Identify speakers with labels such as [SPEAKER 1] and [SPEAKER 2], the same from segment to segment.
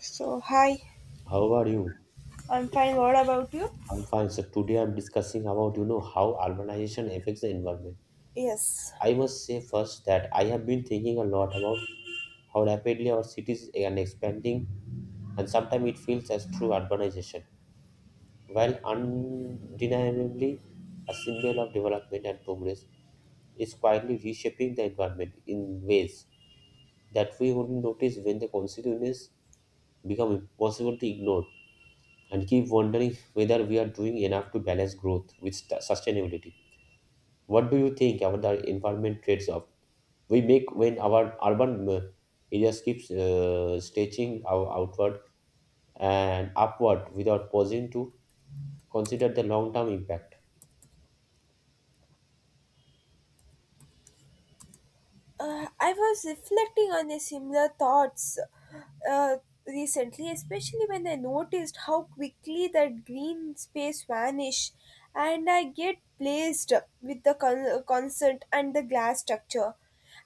[SPEAKER 1] So, hi,
[SPEAKER 2] How are you?
[SPEAKER 1] I'm fine. What about you?
[SPEAKER 2] I'm fine. So today I'm discussing about how urbanization affects the environment.
[SPEAKER 1] Yes.
[SPEAKER 2] I must say first that I have been thinking a lot about how rapidly our cities are expanding, and sometimes it feels as true urbanization, while undeniably a symbol of development and progress, is quietly reshaping the environment in ways that we wouldn't notice when the consequences become impossible to ignore. And keep wondering whether we are doing enough to balance growth with sustainability. What do you think about the environment trades off we make when our urban areas keeps stretching our outward and upward without pausing to consider the long term impact?
[SPEAKER 1] I was reflecting on the similar thoughts uh, recently, especially when I noticed how quickly that green space vanish and I get placed with the concert and the glass structure.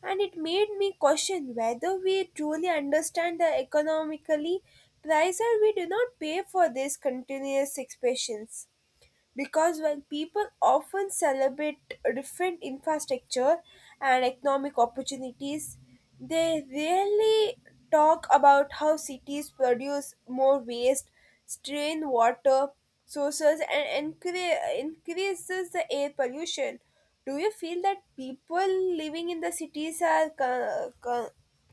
[SPEAKER 1] And it made me question whether we truly understand the economically price or we do not pay for these continuous expressions. Because when people often celebrate different infrastructure and economic opportunities, they rarely talk about how cities produce more waste, strain water sources and increases the air pollution. Do you feel that people living in the cities are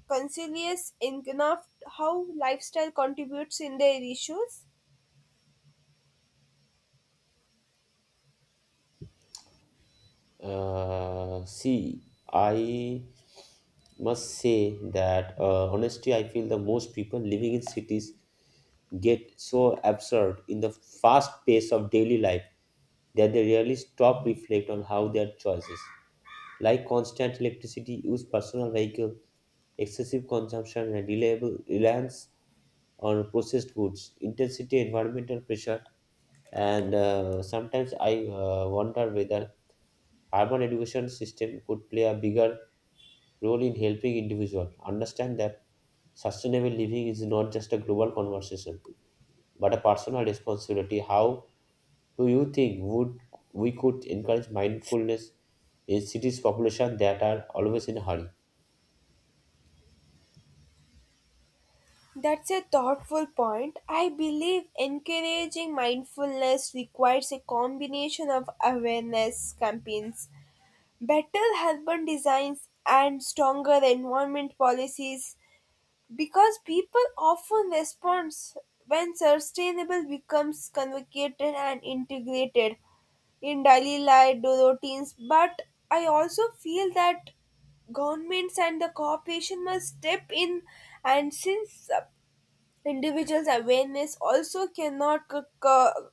[SPEAKER 1] conscious enough how lifestyle contributes in their issues?
[SPEAKER 2] See, I must say that honestly, I feel the most people living in cities get so absorbed in the fast pace of daily life that they rarely stop reflect on how their choices like constant electricity use personal vehicle excessive consumption and reliable reliance on processed goods intensity environmental pressure and sometimes I wonder whether urban education system could play a bigger role in helping individuals understand that sustainable living is not just a global conversation but a personal responsibility. How do you think would we could encourage mindfulness in cities population that are always in a hurry?
[SPEAKER 1] That's a thoughtful point. I believe encouraging mindfulness requires a combination of awareness campaigns, better urban designs, and stronger environment policies because people often respond when sustainable becomes convocated and integrated in daily life routines. But I also feel that governments and the corporation must step in, and since the individual's awareness also cannot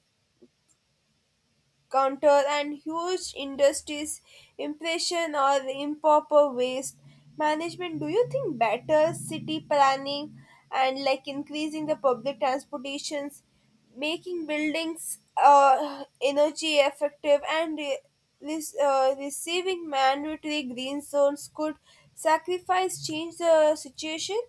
[SPEAKER 1] counter and huge industries impression or improper waste management. Do you think better city planning and like increasing the public transportations, making buildings energy effective and re- this receiving mandatory green zones could sacrifice change the situation?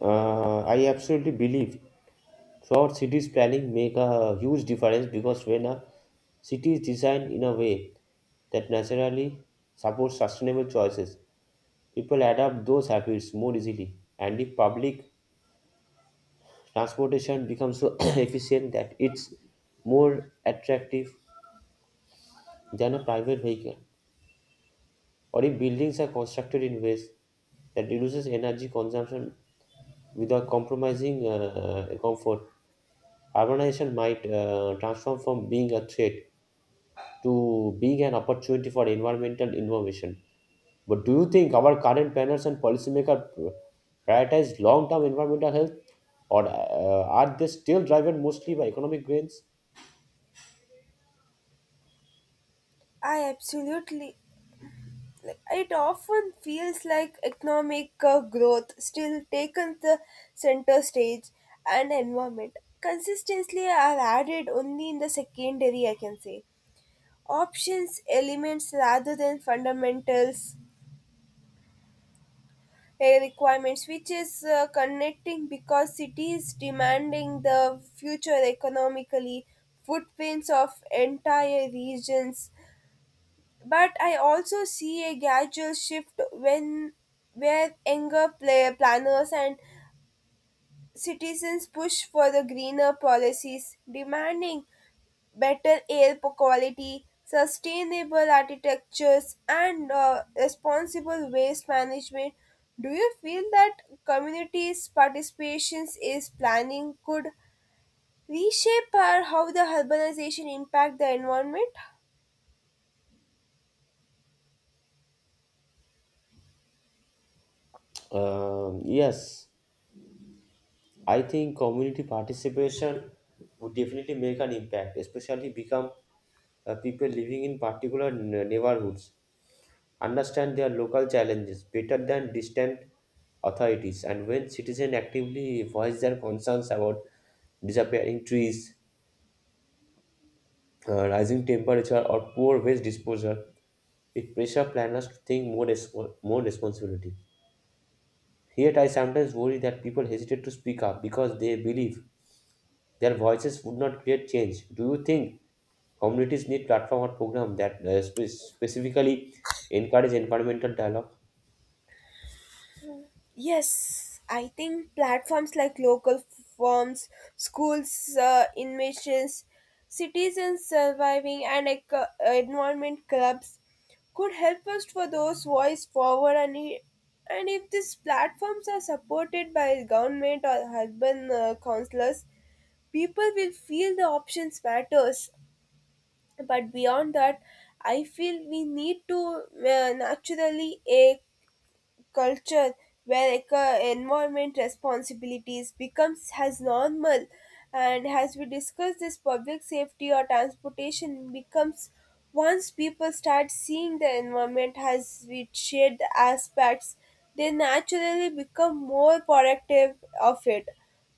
[SPEAKER 2] I absolutely believe so. Cities planning make a huge difference because when a city is designed in a way that naturally supports sustainable choices, people adapt those habits more easily. And if public transportation becomes so efficient that it's more attractive than a private vehicle, or if buildings are constructed in ways that reduces energy consumption without compromising comfort, urbanization might transform from being a threat to being an opportunity for environmental innovation. But do you think our current planners and policymakers prioritize long-term environmental health, or are they still driven mostly by economic gains?
[SPEAKER 1] I absolutely. It often feels like economic growth still taken the center stage and environment. Consistently are added only in the secondary, I can say. Options, elements rather than fundamentals, requirements, which is connecting because cities demanding the future economically footprints of entire regions, but I also see a gradual shift when where younger planners and citizens push for the greener policies, demanding better air quality, sustainable architectures, and responsible waste management. Do you feel that communities' participations is planning could reshape how the urbanization impact the environment?
[SPEAKER 2] Yes, I think community participation would definitely make an impact, especially become people living in particular neighborhoods understand their local challenges better than distant authorities, and when citizens actively voice their concerns about disappearing trees, rising temperature or poor waste disposal, it pressure planners to think more, more responsibility. Yet I sometimes worry that people hesitate to speak up because they believe their voices would not create change. Do you think communities need platform or program that specifically encourage environmental dialogue?
[SPEAKER 1] Yes, I think platforms like local firms, schools, inventions, citizens surviving, and like, environment clubs could help us for those voice forward. And if these platforms are supported by government or urban councillors, people will feel the options matters. But beyond that, I feel we need to naturally a culture where environment responsibilities becomes as normal and as we discuss this public safety or transportation becomes. Once people start seeing the environment as its shared aspects, they naturally become more productive of it.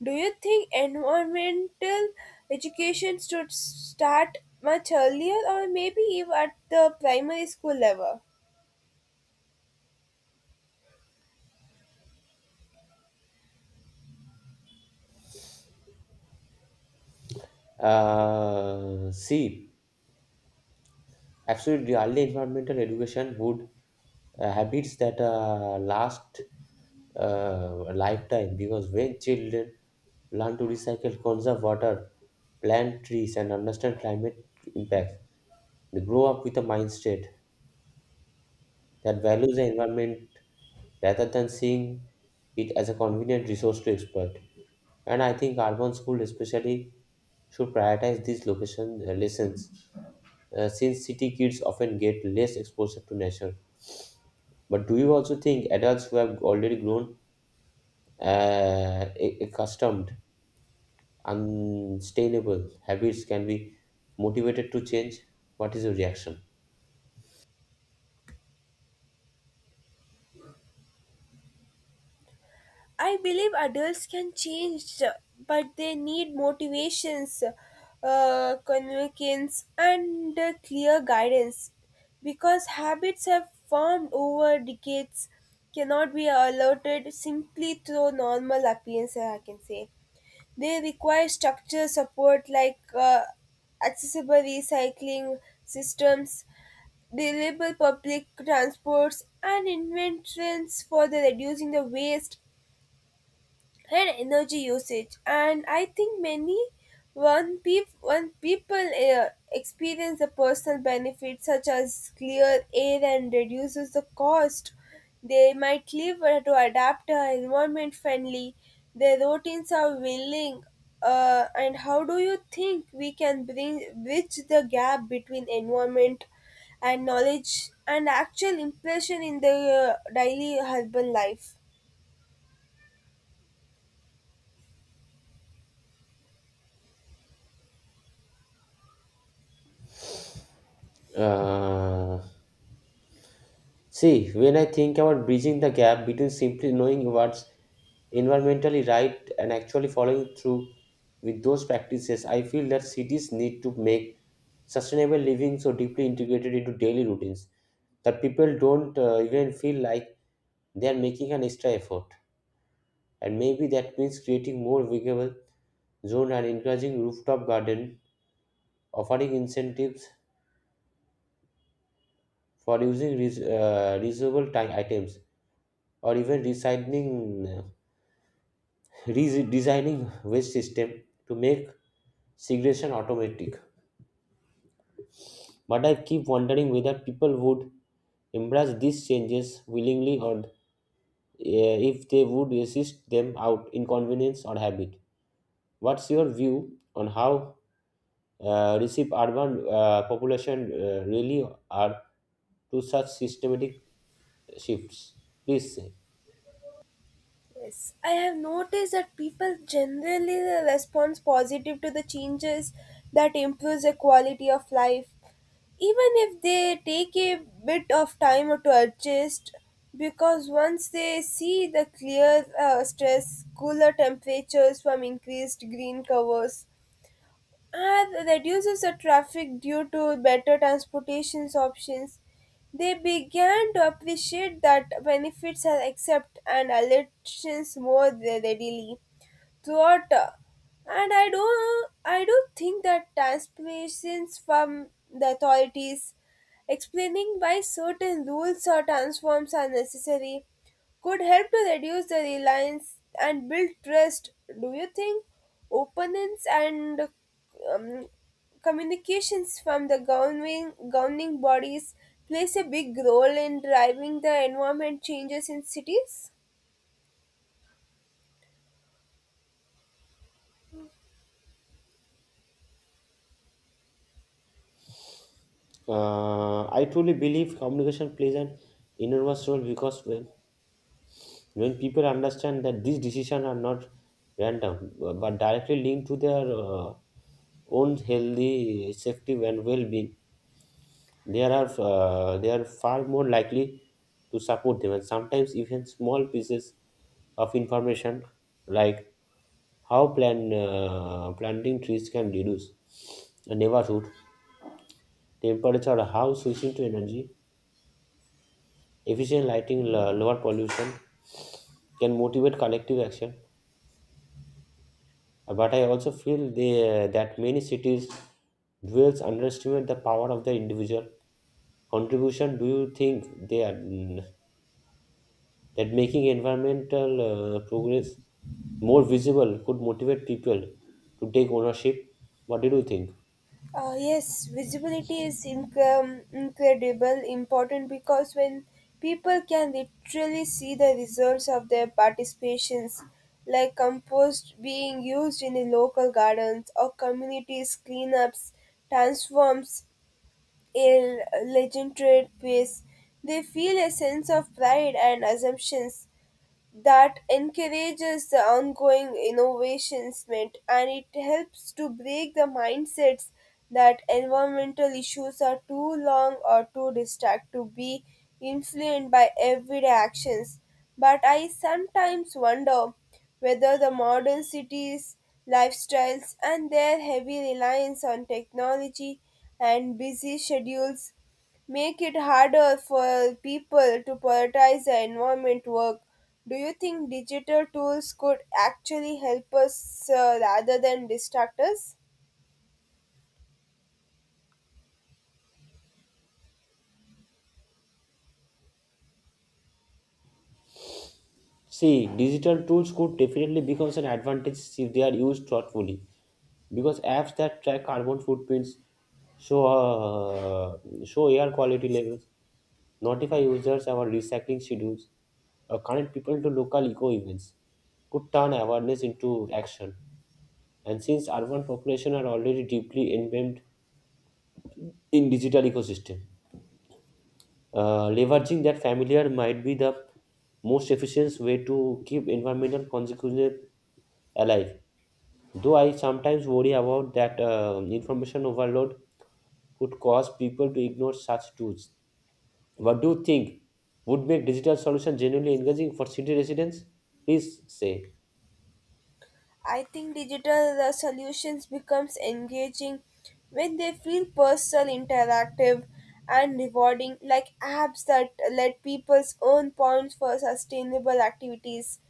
[SPEAKER 1] Do you think environmental education should start much earlier or maybe even at the primary school level?
[SPEAKER 2] See, absolutely, early environmental education would habits that last uh, a lifetime because when children learn to recycle, conserve water, plant trees, and understand climate impacts, they grow up with a mindset that values the environment rather than seeing it as a convenient resource to exploit. And I think urban schools, especially, should prioritize these location lessons since city kids often get less exposure to nature. But do you also think adults who have already grown accustomed unsustainable habits can be motivated to change? What is your reaction?
[SPEAKER 1] I believe adults can change, but they need motivations, convictions, and clear guidance because habits have formed over decades cannot be alerted simply through normal appearance, I can say. They require structure support like accessible recycling systems, reliable public transports and inventions for the reducing the waste and energy usage. And I think when people experience the personal benefits such as clear air and reduces the cost, they might live to adapt environment friendly their routines are willing. And how do you think we can bring bridge the gap between environment and knowledge and actual impression in the daily urban life?
[SPEAKER 2] Uh, see, when I think about bridging the gap between simply knowing what's environmentally right and actually following through with those practices, I feel that cities need to make sustainable living so deeply integrated into daily routines that people don't even feel like they are making an extra effort. And maybe that means creating more visible zone and encouraging rooftop garden, offering incentives for using reusable items, or even recycling, redesigning waste system to make segregation automatic. But I keep wondering whether people would embrace these changes willingly or if they would resist them out inconvenience or habit. What's your view on how receive urban population really are to such systematic shifts? Please say.
[SPEAKER 1] Yes, I have noticed that people generally respond positive to the changes that improves their quality of life, even if they take a bit of time to adjust. Because once they see the clear stress, cooler temperatures from increased green covers, ah, that reduces the traffic due to better transportation options. They began to appreciate that benefits are accepted and elections more readily throughout. And I do think that transmissions from the authorities explaining why certain rules or transforms are necessary could help to reduce the reliance and build trust. Do you think openness and um, communications from the governing bodies plays a big role in driving the environment changes in cities?
[SPEAKER 2] I truly believe communication plays an enormous role because when people understand that these decisions are not random but directly linked to their own healthy safety and well-being. There are they are far more likely to support them, and sometimes even small pieces of information like how planting trees can reduce a neighborhood temperature, or how switching to energy efficient lighting, lower pollution can motivate collective action. But I also feel that many cities dwells underestimate the power of their individual contribution. Do you think they are? Mm, that making environmental progress more visible could motivate people to take ownership. What did you think?
[SPEAKER 1] Yes, visibility is incredible important because when people can literally see the results of their participations, like compost being used in the local gardens or communities cleanups, transforms a legendary place, they feel a sense of pride and assumptions that encourages the ongoing innovations meant. And it helps to break the mindsets that environmental issues are too long or too distract to be influenced by everyday actions. But I sometimes wonder whether the modern cities lifestyles and their heavy reliance on technology and busy schedules make it harder for people to prioritize their environment work. Do you think digital tools could actually help us rather than distract us?
[SPEAKER 2] See, digital tools could definitely become an advantage if they are used thoughtfully. Because apps that track carbon footprints, show air quality levels, notify users about recycling schedules, or connect people to local eco events, could turn awareness into action. And since urban population are already deeply embedded in digital ecosystem. Leveraging that familiar might be the most efficient way to keep environmental consequences alive. Though I sometimes worry about that information overload could cause people to ignore such tools. What do you think would make digital solution genuinely engaging for city residents? Please say.
[SPEAKER 1] I think digital solutions becomes engaging when they feel personal, interactive, and rewarding, like apps that let people earn points for sustainable activities,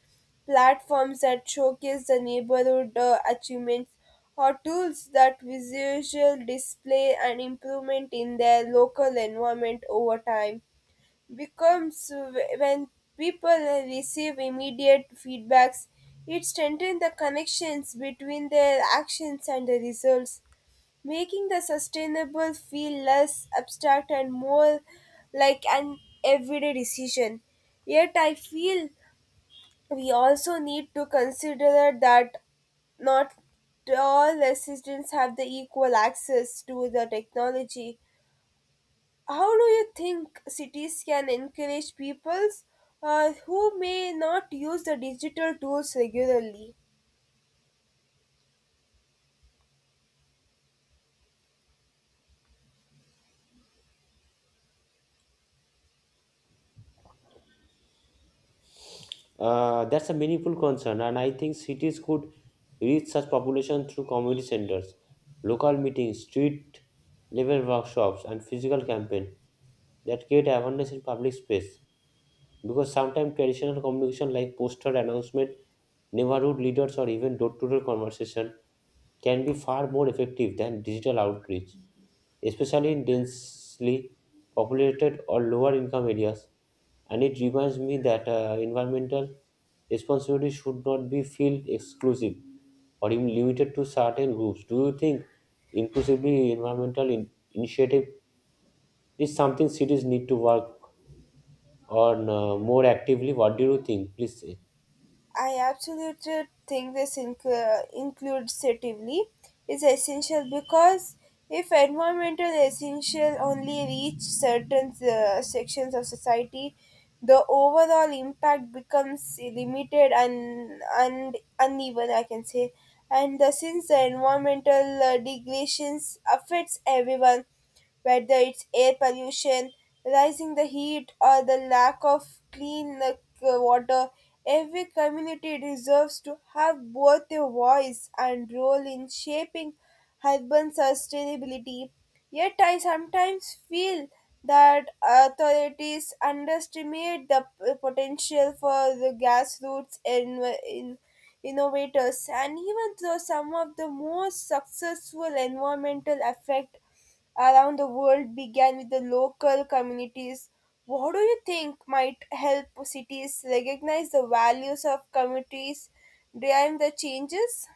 [SPEAKER 1] platforms that showcase the neighborhood achievements, or tools that visual display and improvement in their local environment over time becomes. When people receive immediate feedbacks, it strengthens the connections between their actions and the results, making the sustainable feel less abstract and more like an everyday decision. Yet I feel we also need to consider that not all residents have the equal access to the technology. How do you think cities can encourage peoples who may not use the digital tools regularly?
[SPEAKER 2] That's a meaningful concern, and I think cities could reach such population through community centers, local meetings, street level workshops, and physical campaign that create awareness in public space. Because sometimes traditional communication like poster announcement, neighborhood leaders, or even door-to-door conversation can be far more effective than digital outreach, especially in densely populated or lower income areas. And it reminds me that environmental responsibility should not be feel exclusive or even limited to certain groups. Do you think inclusively environmental initiative is something cities need to work on more actively? What do you think? Please say.
[SPEAKER 1] I absolutely think this inclusively is essential because if environmental essential only reach certain sections of society, the overall impact becomes limited and uneven, I can say. And since the environmental degradations affects everyone, whether it's air pollution, rising the heat, or the lack of clean water. Every community deserves to have both a voice and role in shaping urban sustainability. Yet I sometimes feel that authorities underestimate the potential for the grassroots in innovators, and even though some of the most successful environmental effects around the world began with the local communities. What do you think might help cities recognize the values of communities during the changes?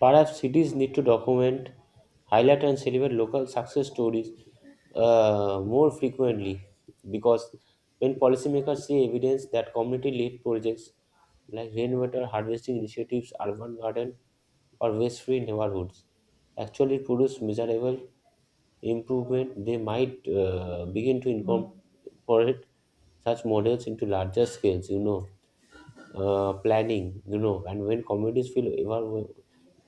[SPEAKER 2] Perhaps cities need to document, highlight, and celebrate local success stories more frequently because when policymakers see evidence that community led projects like rainwater harvesting initiatives, urban garden, or waste free neighborhoods actually produce measurable improvement, they might begin to incorporate such models into larger scales, planning, and when communities feel ever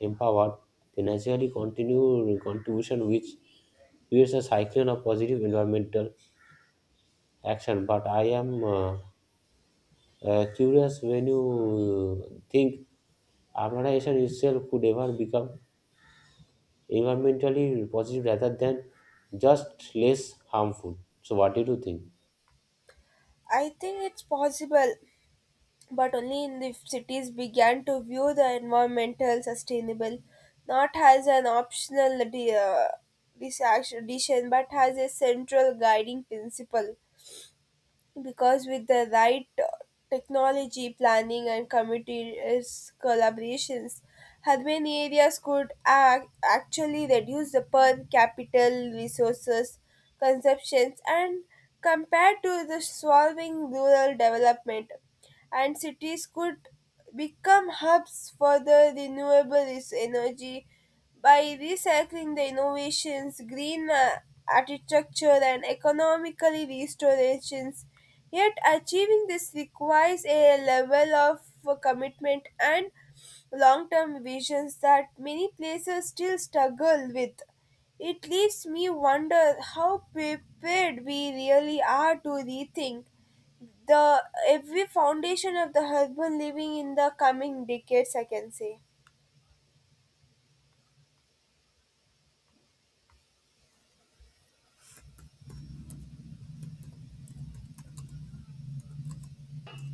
[SPEAKER 2] empowered, they naturally continue contribution, which creates a cyclone of positive environmental action. But I am curious when you think urbanization itself could ever become environmentally positive rather than just less harmful. So, what did you think?
[SPEAKER 1] I think it's possible, but only in if cities began to view the environmental sustainable not as an optional disaction, but as a central guiding principle. Because with the right technology planning and committees collaborations, urban areas could actually reduce the per capital resources consumptions and compared to the solving rural development, and cities could become hubs for the renewable energy by recycling the innovations, green architecture and economically restorations. Yet achieving this requires a level of commitment and long-term visions that many places still struggle with. It leaves me wonder how prepared we really are to rethink the every foundation of the urban living in the coming decades, I can say.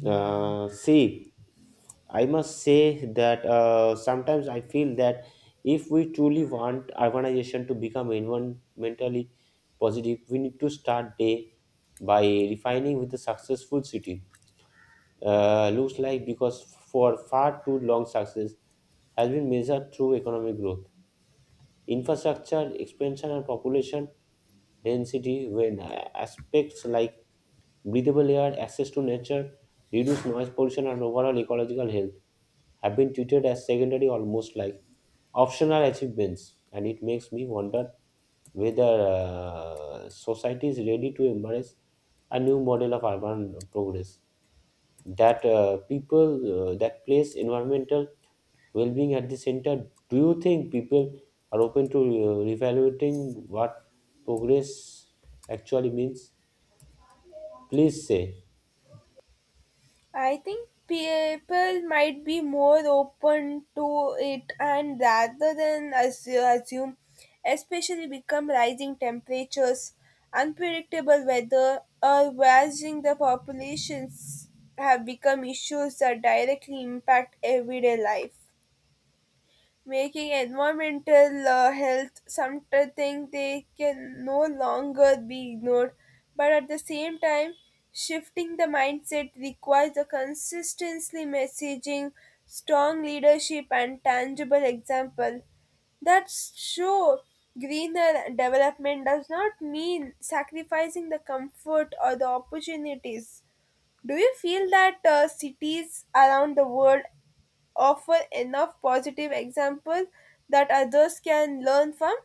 [SPEAKER 2] See. I must say that sometimes I feel that if we truly want urbanization to become environmentally positive, we need to start day by refining with a successful city. Looks like because for far too long success has been measured through economic growth, infrastructure expansion, and population density. When aspects like breathable air, access to nature, reduced noise pollution, and overall ecological health have been treated as secondary almost like optional achievements. And it makes me wonder whether society is ready to embrace a new model of urban progress that people that place environmental well-being at the center. Do you think people are open to reevaluating what progress actually means? Please say.
[SPEAKER 1] I think people might be more open to it and rather than assume, especially become rising temperatures, unpredictable weather, or rising the populations have become issues that directly impact everyday life, making environmental health something they can no longer be ignored. But at the same time, shifting the mindset requires a consistently messaging, strong leadership, and tangible example that show greener development does not mean sacrificing the comfort or the opportunities. Do you feel that cities around the world offer enough positive examples that others can learn from?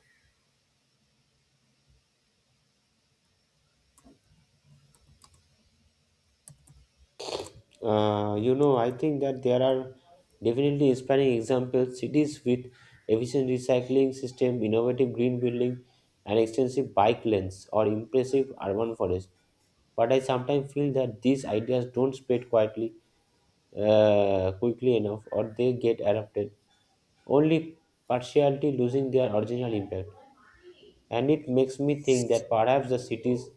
[SPEAKER 2] You know, I think that there are definitely inspiring examples. Cities with efficient recycling system, innovative green building, and extensive bike lanes or impressive urban forests. But I sometimes feel that these ideas don't spread quietly, quickly enough, or they get adopted only partially losing their original impact. And it makes me think that perhaps the cities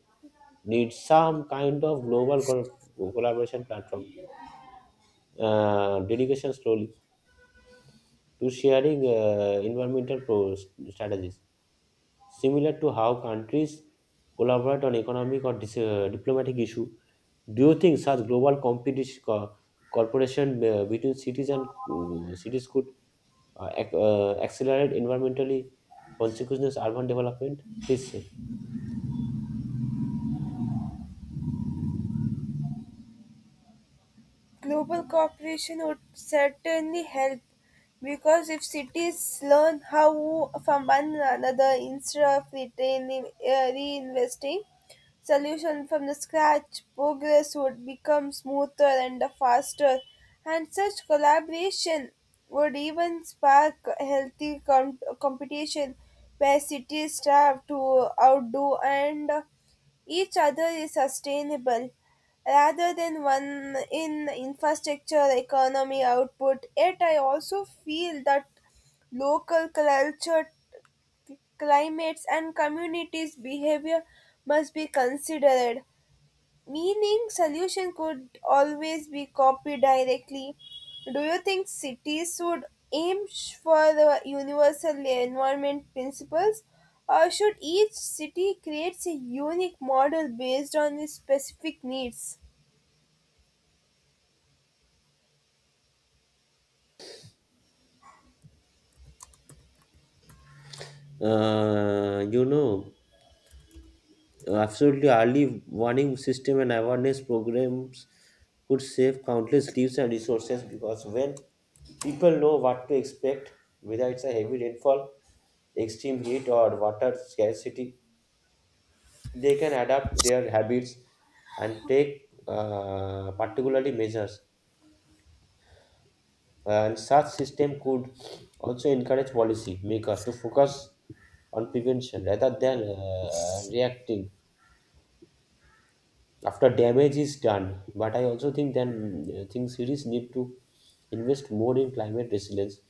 [SPEAKER 2] need some kind of global collaboration platform delegation slowly to sharing environmental strategies, similar to how countries collaborate on economic or diplomatic issue. Do you think such global competition cooperation between cities and cities could accelerate environmentally consequences urban development? Please say.
[SPEAKER 1] Global cooperation would certainly help because if cities learn how from one another instead of reinvesting solution from the scratch, progress would become smoother and faster. And such collaboration would even spark healthy competition where cities strive to outdo and each other is sustainable rather than one in infrastructure economy output. Yet I also feel that local culture, climates and communities behavior must be considered, meaning solution could always be copied directly. Do you think cities should for the universal environment principles or should each city create a unique model based on its specific needs?
[SPEAKER 2] You know, absolutely early warning system and awareness programs could save countless lives and resources because when people know what to expect, whether it's a heavy rainfall, extreme heat, or water scarcity. They can adapt their habits and take particularly measures. And such system could also encourage policy makers to focus on prevention rather than reacting after damage is done. But I also think then think cities need to invest more in climate resilience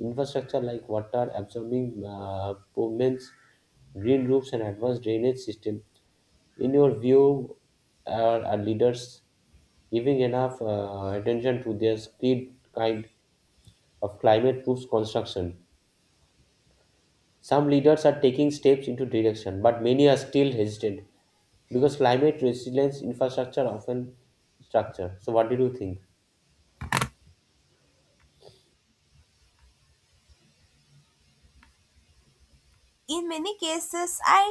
[SPEAKER 2] infrastructure like water absorbing pavements, green roofs, and advanced drainage system. In your view, are leaders giving enough attention to their speed kind of climate proof construction? Some leaders are taking steps into direction, but many are still hesitant because climate resilience infrastructure often structure. So, what did you think?
[SPEAKER 1] In many cases, I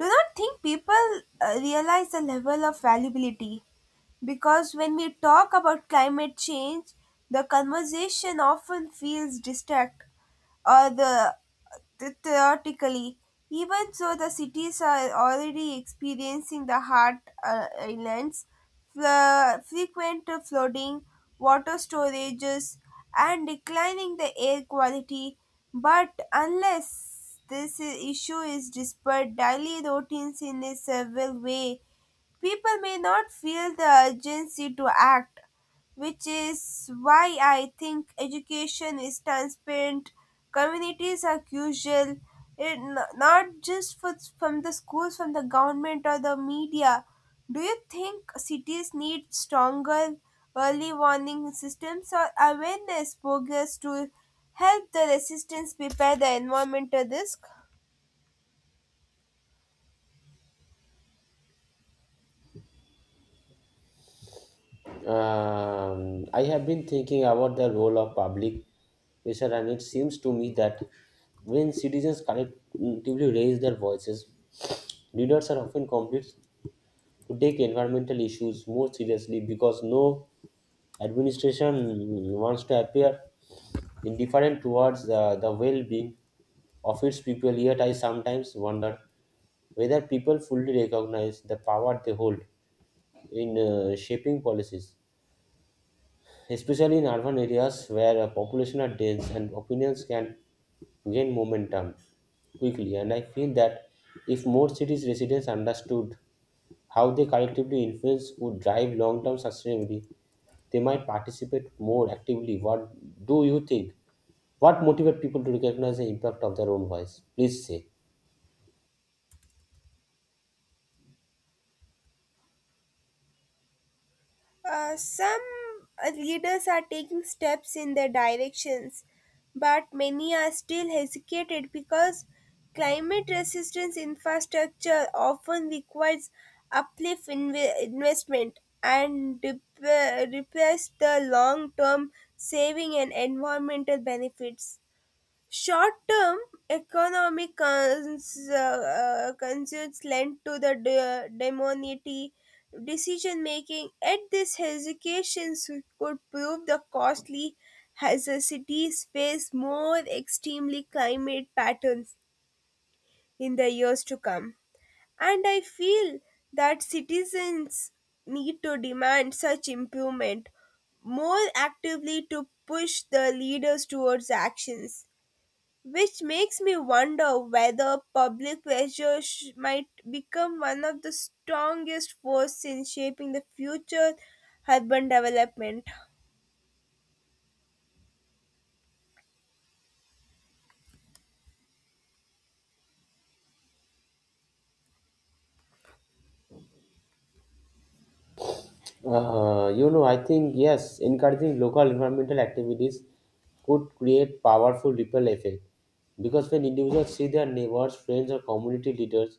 [SPEAKER 1] do not think people realize the level of valuability because when we talk about climate change, the conversation often feels distant or theoretically. Even so, the cities are already experiencing the hard islands, frequent flooding, water storages, and declining the air quality. But unless this issue is dispelled, daily routines in a several way, people may not feel the urgency to act, which is why I think education is transparent. Communities are crucial, it, not just for, from the schools, from the government or the media. Do you think cities need stronger early warning systems or awareness programs to help the resistance prepare the environmental risk?
[SPEAKER 2] I have been thinking about the role of public pressure, and it seems to me that when citizens collectively raise their voices, leaders are often compelled to take environmental issues more seriously because no administration wants to appear indifferent towards the well being of its people. Yet I sometimes wonder whether people fully recognize the power they hold in shaping policies, especially in urban areas where population are dense and opinions can gain momentum quickly. And I feel that if more cities' residents understood how they collectively influence could drive long-term sustainability, they might participate more actively. What do you think? What motivates people to recognize the impact of their own voice? Please say.
[SPEAKER 1] Some leaders are taking steps in their directions, but many are still hesitated because climate resistance infrastructure often requires uplift investment and replace the long-term saving and environmental benefits. Short-term economic concerns lend to the demonity decision making. At this hesitations could prove the costly as the cities face more extremely climate patterns in the years to come. And I feel that citizens need to demand such improvement more actively to push the leaders towards actions, which makes me wonder whether public pressure might become one of the strongest forces in shaping the future urban development.
[SPEAKER 2] You know, I think yes, encouraging local environmental activities could create powerful ripple effect because when individuals see their neighbors friends or community leaders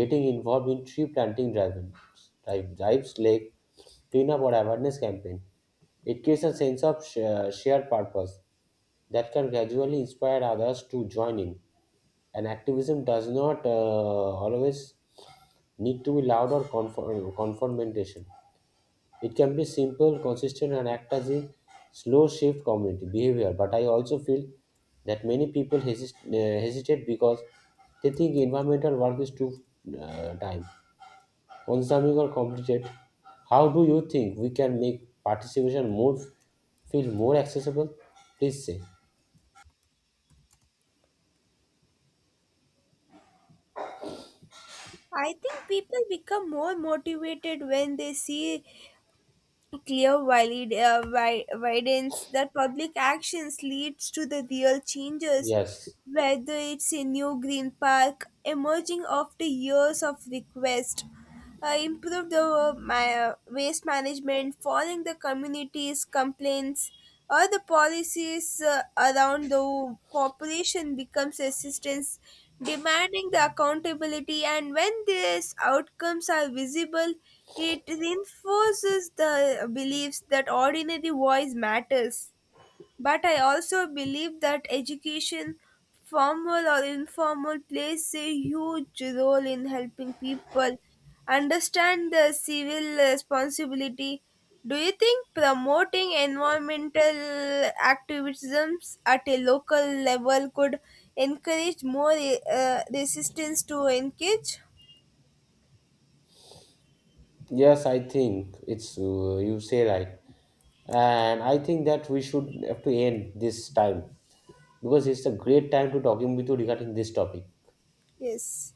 [SPEAKER 2] getting involved in tree planting drives like cleanup or awareness campaign, it creates a sense of shared purpose that can gradually inspire others to join in. And activism does not always need to be loud or confrontation. It can be simple, consistent, and act as a slow shift community behavior. But I also feel that many people hesitate because they think environmental work is too time consuming or complicated. How do you think we can make participation more feel more accessible? Please say.
[SPEAKER 1] I think people become more motivated when they see clear vi- evidence that public actions leads to the real changes,
[SPEAKER 2] Yes,
[SPEAKER 1] whether it's a new green park emerging after years of request, improve the waste management, following the communities' complaints, or the policies uh, around the population becomes assistance, demanding the accountability. And when these outcomes are visible, it reinforces the beliefs that ordinary voice matters. But I also believe that education, formal or informal, plays a huge role in helping people understand their civil responsibility. Do you think promoting environmental activisms at a local level could encourage more resistance to engage?
[SPEAKER 2] Yes, I think it's you say right, and I think that we should have to end this time because it's a great time to talking with you regarding this topic.
[SPEAKER 1] Yes.